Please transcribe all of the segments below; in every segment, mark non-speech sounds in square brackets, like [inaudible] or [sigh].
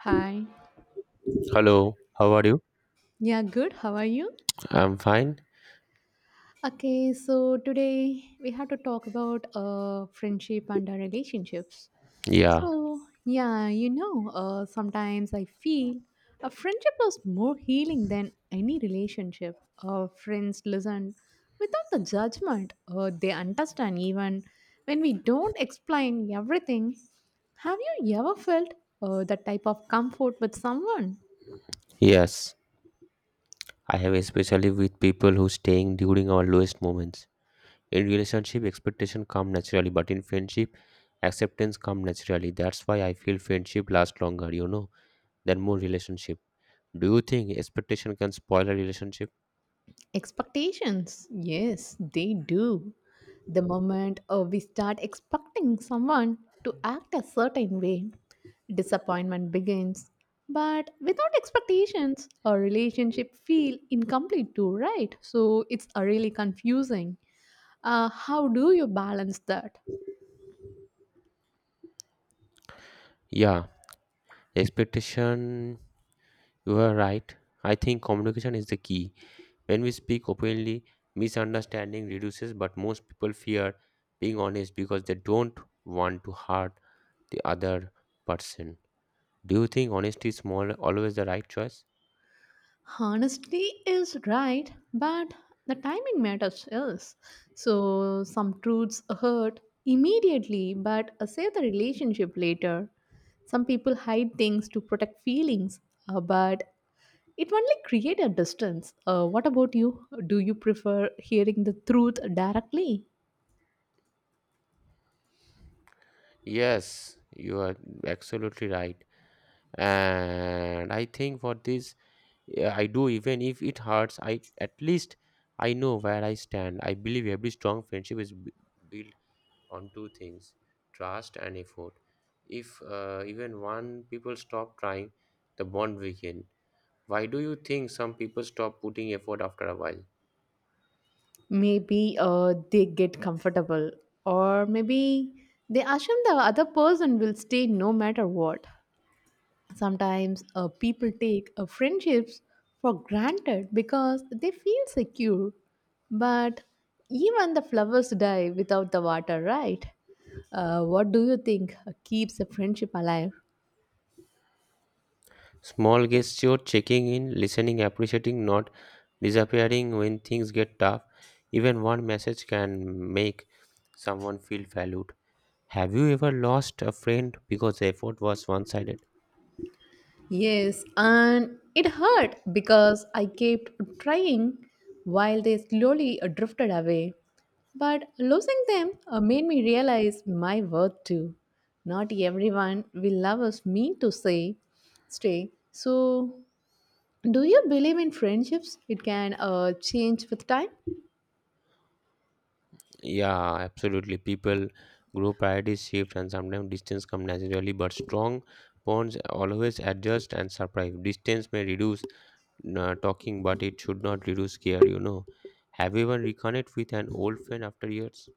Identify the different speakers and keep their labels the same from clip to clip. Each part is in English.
Speaker 1: Hi.
Speaker 2: Hello, how are you?
Speaker 1: Yeah, good. How are you?
Speaker 2: I'm fine.
Speaker 1: Okay, so today we have to talk about friendship and our relationships.
Speaker 2: Yeah,
Speaker 1: So, sometimes I feel a friendship is more healing than any relationship. Friends listen without the judgment, they understand even when we don't explain everything. Have you ever felt that type of comfort with someone?
Speaker 2: yes. I have, especially with people who staying during our lowest moments. In relationship, expectation come naturally, but in friendship, acceptance come naturally. That's why I feel friendship lasts longer, than more relationship. Do you think expectation can spoil a relationship?
Speaker 1: Expectations, yes, they do. The moment we start expecting someone to act a certain way, disappointment begins. But without expectations, a relationship feel incomplete too, right? So it's really confusing. How do you balance that?
Speaker 2: Yeah, Expectation. You are right. I think communication is the key. When we speak openly, misunderstanding reduces, but most people fear being honest because they don't want to hurt the other person. Do you think honesty is more always the right choice?
Speaker 1: Honesty is right, but the timing matters else. So some truths hurt immediately but save the relationship later. Some people hide things to protect feelings, but it only create a distance. What about you? Do you prefer hearing the truth directly?
Speaker 2: Yes, you are absolutely right. And I think for this, yeah, I do, even if it hurts, I at least I know where I stand. I believe every strong friendship is built on two things: trust and effort. If even one people stop trying, the bond weaken. Why do you think some people stop putting effort after a while?
Speaker 1: Maybe they get comfortable, or maybe they assume the other person will stay no matter what. Sometimes people take friendships for granted because they feel secure. But even the flowers die without the water, right? What do you think keeps a friendship alive?
Speaker 2: Small gesture, checking in, listening, appreciating, not disappearing when things get tough. Even one message can make someone feel valued. Have you ever lost a friend because the effort was one sided?
Speaker 1: Yes, and it hurt because I kept trying while they slowly drifted away. But losing them made me realize my worth too. Not everyone will love us mean to say stay. So, do you believe in friendships? It can change with time.
Speaker 2: Yeah, absolutely. People grow, priorities shift, and sometimes distance come naturally, but strong bonds always adjust and survive. Distance may reduce talking, but it should not reduce care, Have you ever reconnect with an old friend after years?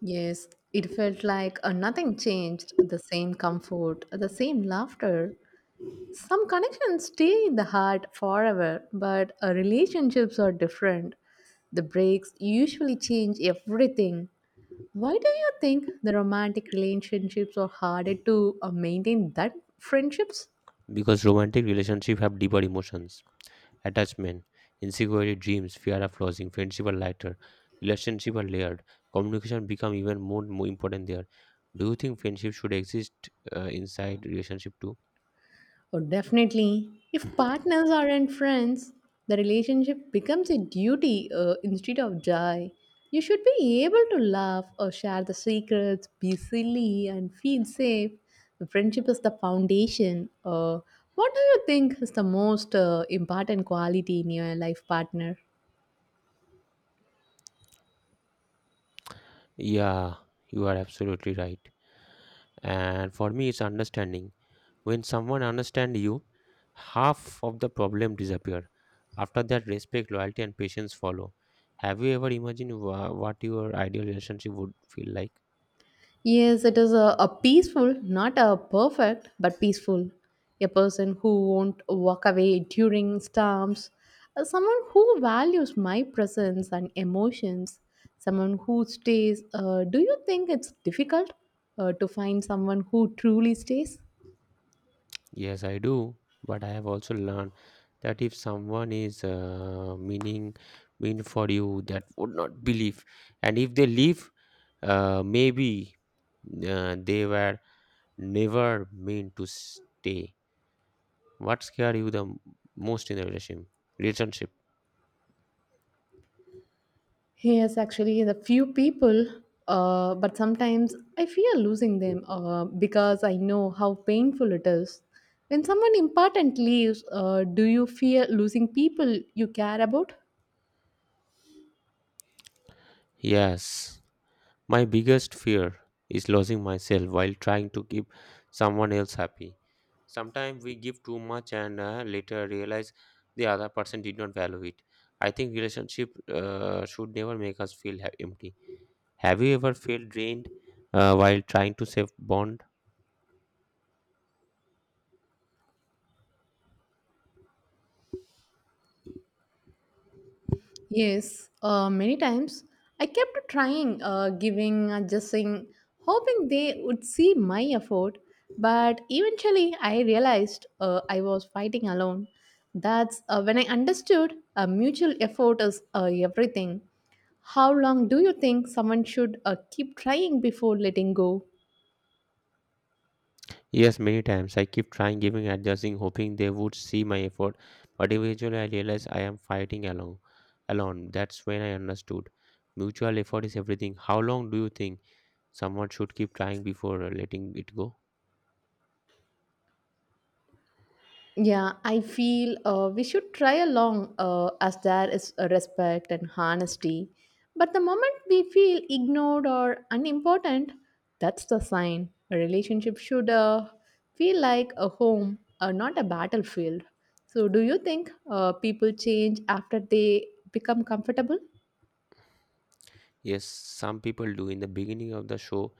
Speaker 1: Yes, it felt like nothing changed. The same comfort, the same laughter. Some connections stay in the heart forever, but relationships are different. The breaks usually change everything. Why do you think the romantic relationships are harder to maintain than friendships?
Speaker 2: Because romantic relationship have deeper emotions. Attachment, insecurity, dreams, fear of losing, friendship are lighter, relationship are layered, communication become even more important there. Do you think friendship should exist inside relationship too?
Speaker 1: Oh, definitely. If partners aren't friends, the relationship becomes a duty instead of joy. You should be able to laugh or share the secrets, be silly, and feel safe. The friendship is the foundation. What do you think is the most important quality in your life partner?
Speaker 2: Yeah, you are absolutely right. And for me, it's understanding. When someone understands you, half of the problem disappear. After that, respect, loyalty, and patience follow. Have you ever imagined what your ideal relationship would feel like?
Speaker 1: Yes, it is a peaceful, not a perfect, but peaceful. A person who won't walk away during storms. Someone who values my presence and emotions, someone who stays. Do you think it's difficult to find someone who truly stays?
Speaker 2: Yes, I do. But I have also learned that if someone is meaning mean for you, that would not believe. And if they leave, maybe they were never meant to stay. What scared you the most in the relationship? Relationship.
Speaker 1: Yes, actually, the few people, but sometimes I fear losing them because I know how painful it is. When someone important leaves, do you fear losing people you care about?
Speaker 2: Yes. My biggest fear is losing myself while trying to keep someone else happy. Sometimes we give too much and later realize the other person did not value it. I think relationship should never make us feel empty. Have you ever felt drained while trying to save bond?
Speaker 1: Yes, many times I kept trying, giving, adjusting, hoping they would see my effort. But eventually, I realized I was fighting alone. That's when I understood mutual effort is everything. How long do you think someone should keep trying before letting go?
Speaker 2: Yes, many times. I keep trying, giving, adjusting, hoping they would see my effort, but eventually I realize I am fighting alone. Alone. That's when I understood. Mutual effort is everything. How long do you think? Someone should keep trying before letting it go.
Speaker 1: Yeah, I feel we should try along as there is a respect and honesty. But the moment we feel ignored or unimportant, that's the sign. A relationship should feel like a home, not a battlefield. So, do you think people change after they become comfortable?
Speaker 2: Yes, some people do. In the beginning of the show,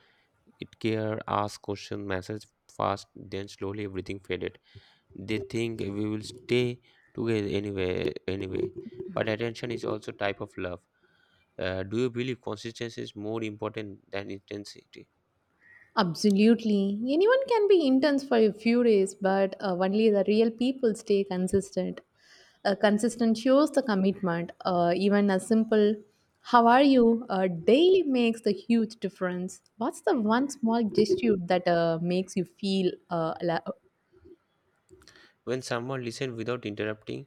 Speaker 2: it care, ask question, message fast, then slowly everything faded. They think we will stay together anyway. But attention is also type of love. Do you believe consistency is more important than intensity?
Speaker 1: Absolutely. Anyone can be intense for a few days, but only the real people stay consistent. Consistent shows the commitment. Even a simple how are you daily makes the huge difference. What's the one small gesture that makes you feel alive?
Speaker 2: When someone listens without interrupting,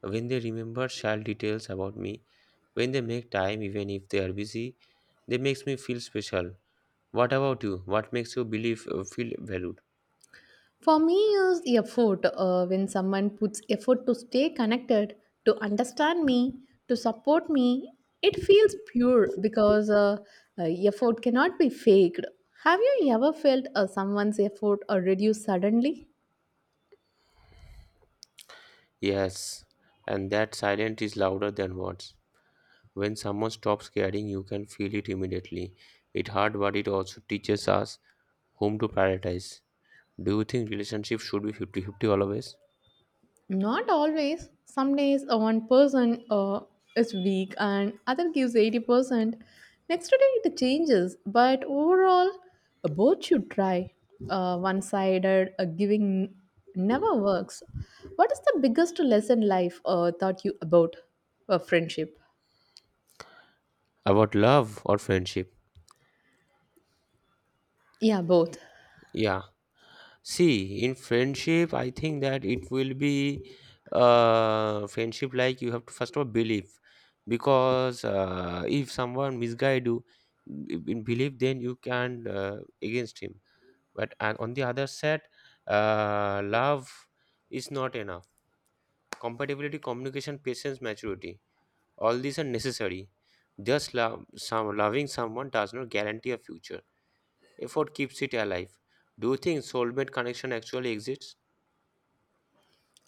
Speaker 2: when they remember child details about me, when they make time even if they are busy, they makes me feel special. What about you? What makes you believe feel valued?
Speaker 1: For me, is the effort when someone puts effort to stay connected, to understand me, to support me, it feels pure because uh, effort cannot be faked. Have you ever felt someone's effort reduce suddenly?
Speaker 2: Yes, and that silence is louder than words. When someone stops caring, you can feel it immediately. It hard, but it also teaches us whom to prioritize. Do you think relationships should be fifty-fifty always?
Speaker 1: Not always. Some days one person is weak and other gives 80%. Next day it changes, but overall, both should try. One sided giving never works. What is the biggest lesson life taught you about friendship?
Speaker 2: About love or friendship?
Speaker 1: Yeah, both.
Speaker 2: Yeah, see, in friendship, I think that it will be friendship like you have to first of all believe because if someone misguide you in belief, then you can against him. But and on the other side, love is not enough. Compatibility, communication, patience, maturity, all these are necessary. Just love, some loving someone does not guarantee a future. Effort keeps it alive. Do you think soulmate connection actually exists?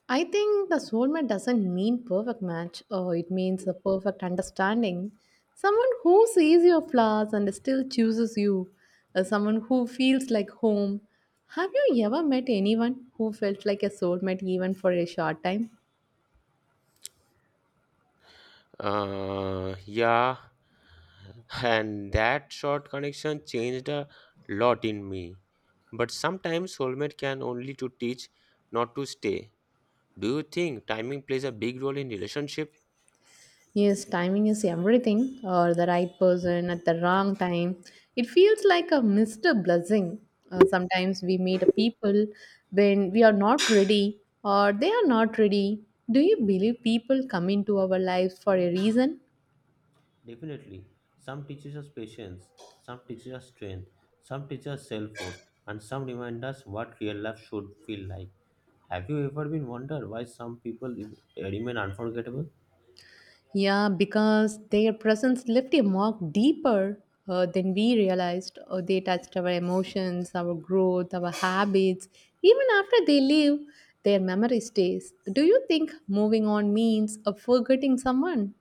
Speaker 1: I think the soulmate doesn't mean perfect match, or it means the perfect understanding. Someone who sees your flaws and still chooses you. Someone who feels like home. Have you ever met anyone who felt like a soulmate even for a short time?
Speaker 2: Yeah, and that short connection changed a lot in me. But sometimes soulmate can only to teach, not to stay. Do you think timing plays a big role in relationship?
Speaker 1: Yes, timing is everything, or the right person at the wrong time. It feels like a Mr. Blessing. Sometimes we meet a people when we are not ready or they are not ready. Do you believe people come into our lives for a reason?
Speaker 2: Definitely. Some teaches us patience, some teaches us strength, some teaches us self-worth, and some remind us what real love should feel like. Have you ever been wondered why some people remain unforgettable?
Speaker 1: Yeah, because their presence left a mark deeper than we realized. They touched our emotions, our growth, our habits. Even after they leave, their memory stays. Do you think moving on means forgetting someone?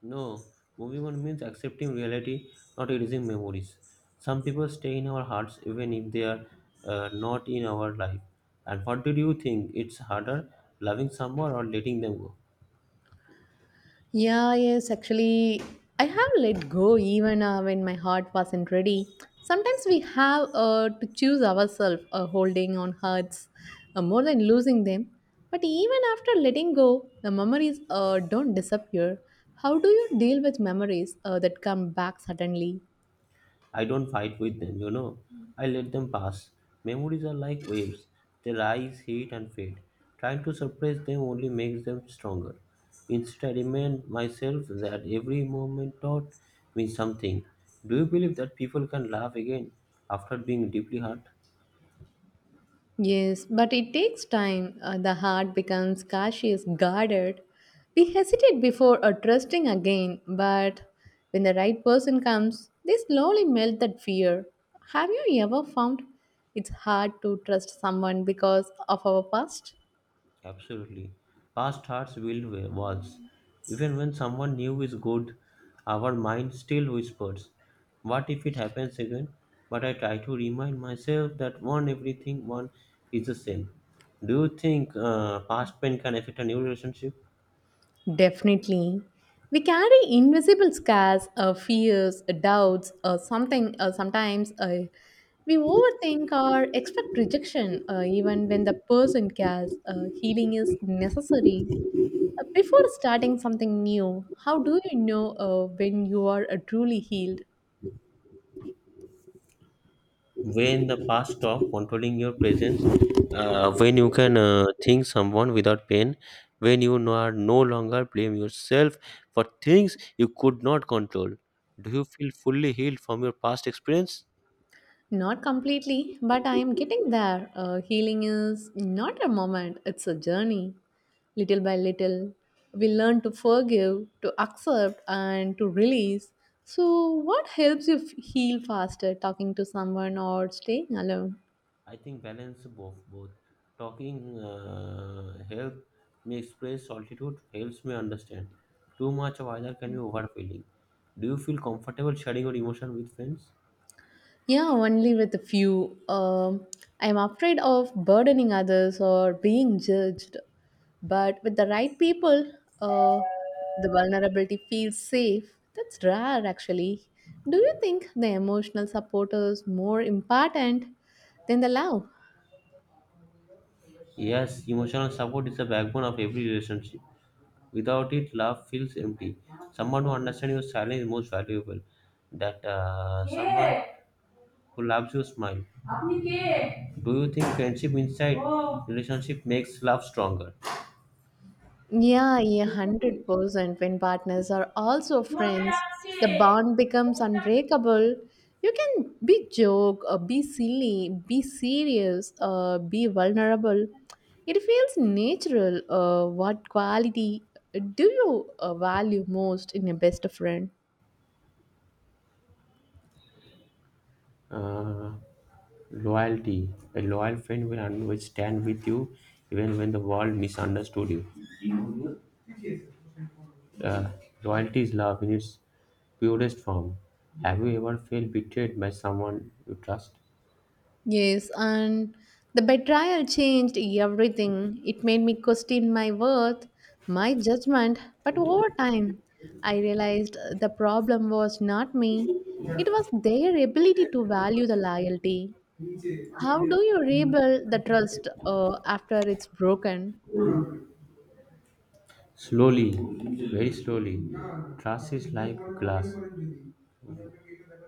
Speaker 2: No, moving on means accepting reality, not erasing memories. Some people stay in our hearts even if they are not in our life. And what did you think? It's harder loving someone or letting them go?
Speaker 1: Yeah, yes, actually, I have let go even when my heart wasn't ready. Sometimes we have to choose ourselves, holding on hurts more than losing them. But even after letting go, the memories don't disappear. How do you deal with memories that come back suddenly?
Speaker 2: I don't fight with them, I let them pass. Memories are like waves. They rise, heat, and fade. Trying to suppress them only makes them stronger. Instead, I remind myself that every moment taught me something. Do you believe that people can laugh again after being deeply hurt?
Speaker 1: Yes, but it takes time. The heart becomes cautious, guarded. We hesitate before trusting again, but when the right person comes, they slowly melt that fear. Have you ever found it's hard to trust someone because of our past?
Speaker 2: Absolutely. Past hearts will waltz. Even when someone new is good, our mind still whispers, "What if it happens again?" But I try to remind myself that one everything one is the same. Do you think past pain can affect a new relationship?
Speaker 1: Definitely. We carry invisible scars, fears, doubts, or something. Sometimes we overthink or expect rejection, even when the person cares. Healing is necessary. Before starting something new, how do you know when you are truly healed?
Speaker 2: When the past talk controlling your presence, when you can think someone without pain, when you are no longer blame yourself for things you could not control. Do you feel fully healed from your past experience?
Speaker 1: Not completely, but I am getting there. Healing is not a moment, it's a journey. Little by little, we learn to forgive, to accept, and to release. So, what helps you heal faster, talking to someone or staying alone?
Speaker 2: I think balance, both talking help me express, solitude helps me understand. Too much of either can be overfilling. Do you feel comfortable sharing your emotion with friends?
Speaker 1: Yeah, only with a few. I'm afraid of burdening others or being judged. But with the right people, uh, the vulnerability feels safe. That's rare, actually. Do you think the emotional support is more important than the love?
Speaker 2: Yes, emotional support is the backbone of every relationship. Without it, love feels empty. Someone who understands your silence is most valuable. That someone who loves your smile. Do you think friendship inside relationship makes love stronger?
Speaker 1: Yeah, 100%. When partners are also friends, the bond becomes unbreakable. You can be joke, be silly, be serious, be vulnerable. It feels natural. What quality do you value most in a best friend?
Speaker 2: Uh, Loyalty. A loyal friend will always stand with you even when the world misunderstood you. Uh, Loyalty is love in its purest form. Have you ever felt betrayed by someone you trust?
Speaker 1: Yes, and the betrayal changed everything. It made me question my worth, my judgment, but over time, I realized the problem was not me. It was their ability to value the loyalty. How do you rebuild the trust after it's broken?
Speaker 2: Slowly, very slowly. Trust is like glass,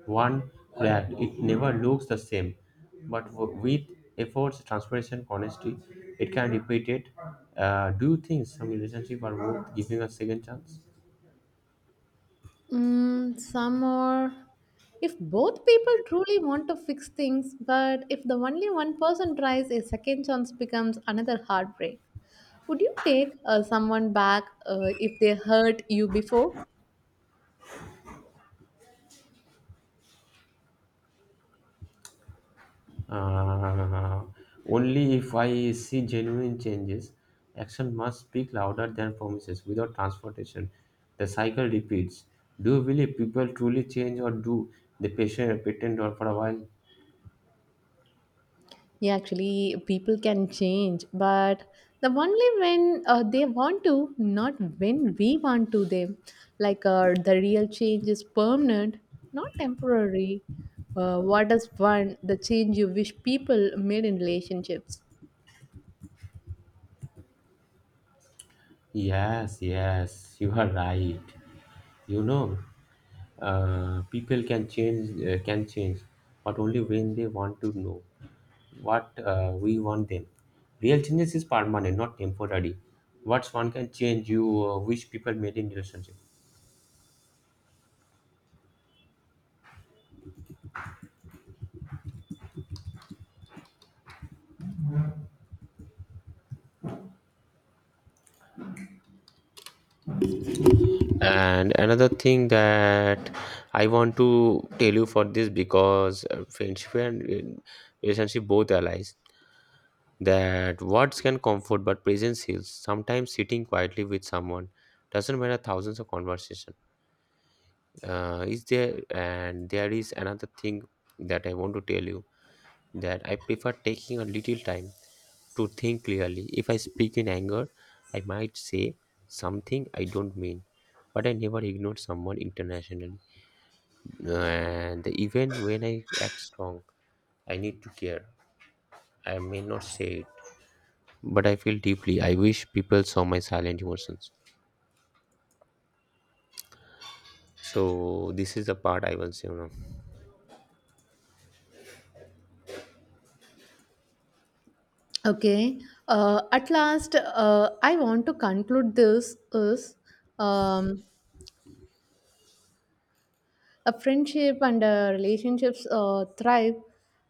Speaker 2: one cracked, it never looks the same. But with efforts, transparency, honesty, it can repeat it. Do you think some relationship are worth giving a second chance?
Speaker 1: Some are. If both people truly want to fix things, but if the only one person tries, a second chance becomes another heartbreak. Would you take someone back if they hurt you before?
Speaker 2: Uh, Only if I see genuine changes, action must speak louder than promises. Without transportation, the cycle repeats. Do you believe people truly change, or do the patient pretend or for a while?
Speaker 1: Yeah, actually, people can change, but the only when they want to, not when we want to them. Like the real change is permanent, not temporary. What is one the change you wish people made in relationships?
Speaker 2: Yes, yes, [laughs] you are right. You know, people can change, but only when they want to know what we want them. Real changes is permanent, not temporary. What's one can change you wish people made in relationship? And another thing that I want to tell you for this, because friendship and relationship both allies that words can comfort but presence heals. Sometimes sitting quietly with someone doesn't matter thousands of conversation. Is there, and there is another thing that I want to tell you, that I prefer taking a little time to think clearly. If I speak in anger, I might say something I don't mean. But I never ignored someone internationally. And even when I act strong, I need to care. I may not say it, but I feel deeply. I wish people saw my silent emotions. So this is the part I was,
Speaker 1: Okay. At last, I want to conclude this is um, a friendship and relationships thrive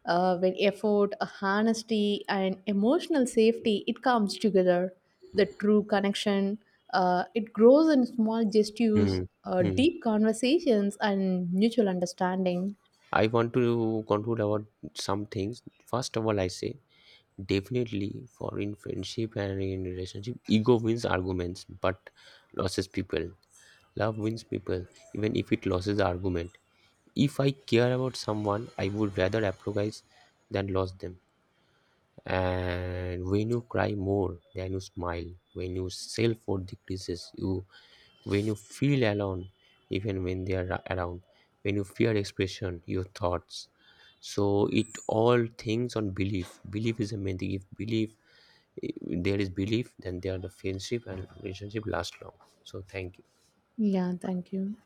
Speaker 1: when effort, honesty, and emotional safety it comes together. The true connection it grows in small gestures,
Speaker 2: Hmm. Hmm.
Speaker 1: deep conversations, and mutual understanding.
Speaker 2: I want to conclude about some things. First of all, I say definitely, for in friendship and in relationship, ego wins arguments but loses people. Love wins people, even if it loses the argument. If I care about someone, I would rather apologize than lose them. And when you cry more than you smile, when you self-worth decreases, you, when you feel alone, even when they are around, when you fear expression, your thoughts. So it all things on belief. Belief is a main thing. If belief, if there is belief, then there the friendship and relationship last long. So thank you.
Speaker 1: Yeah, thank you.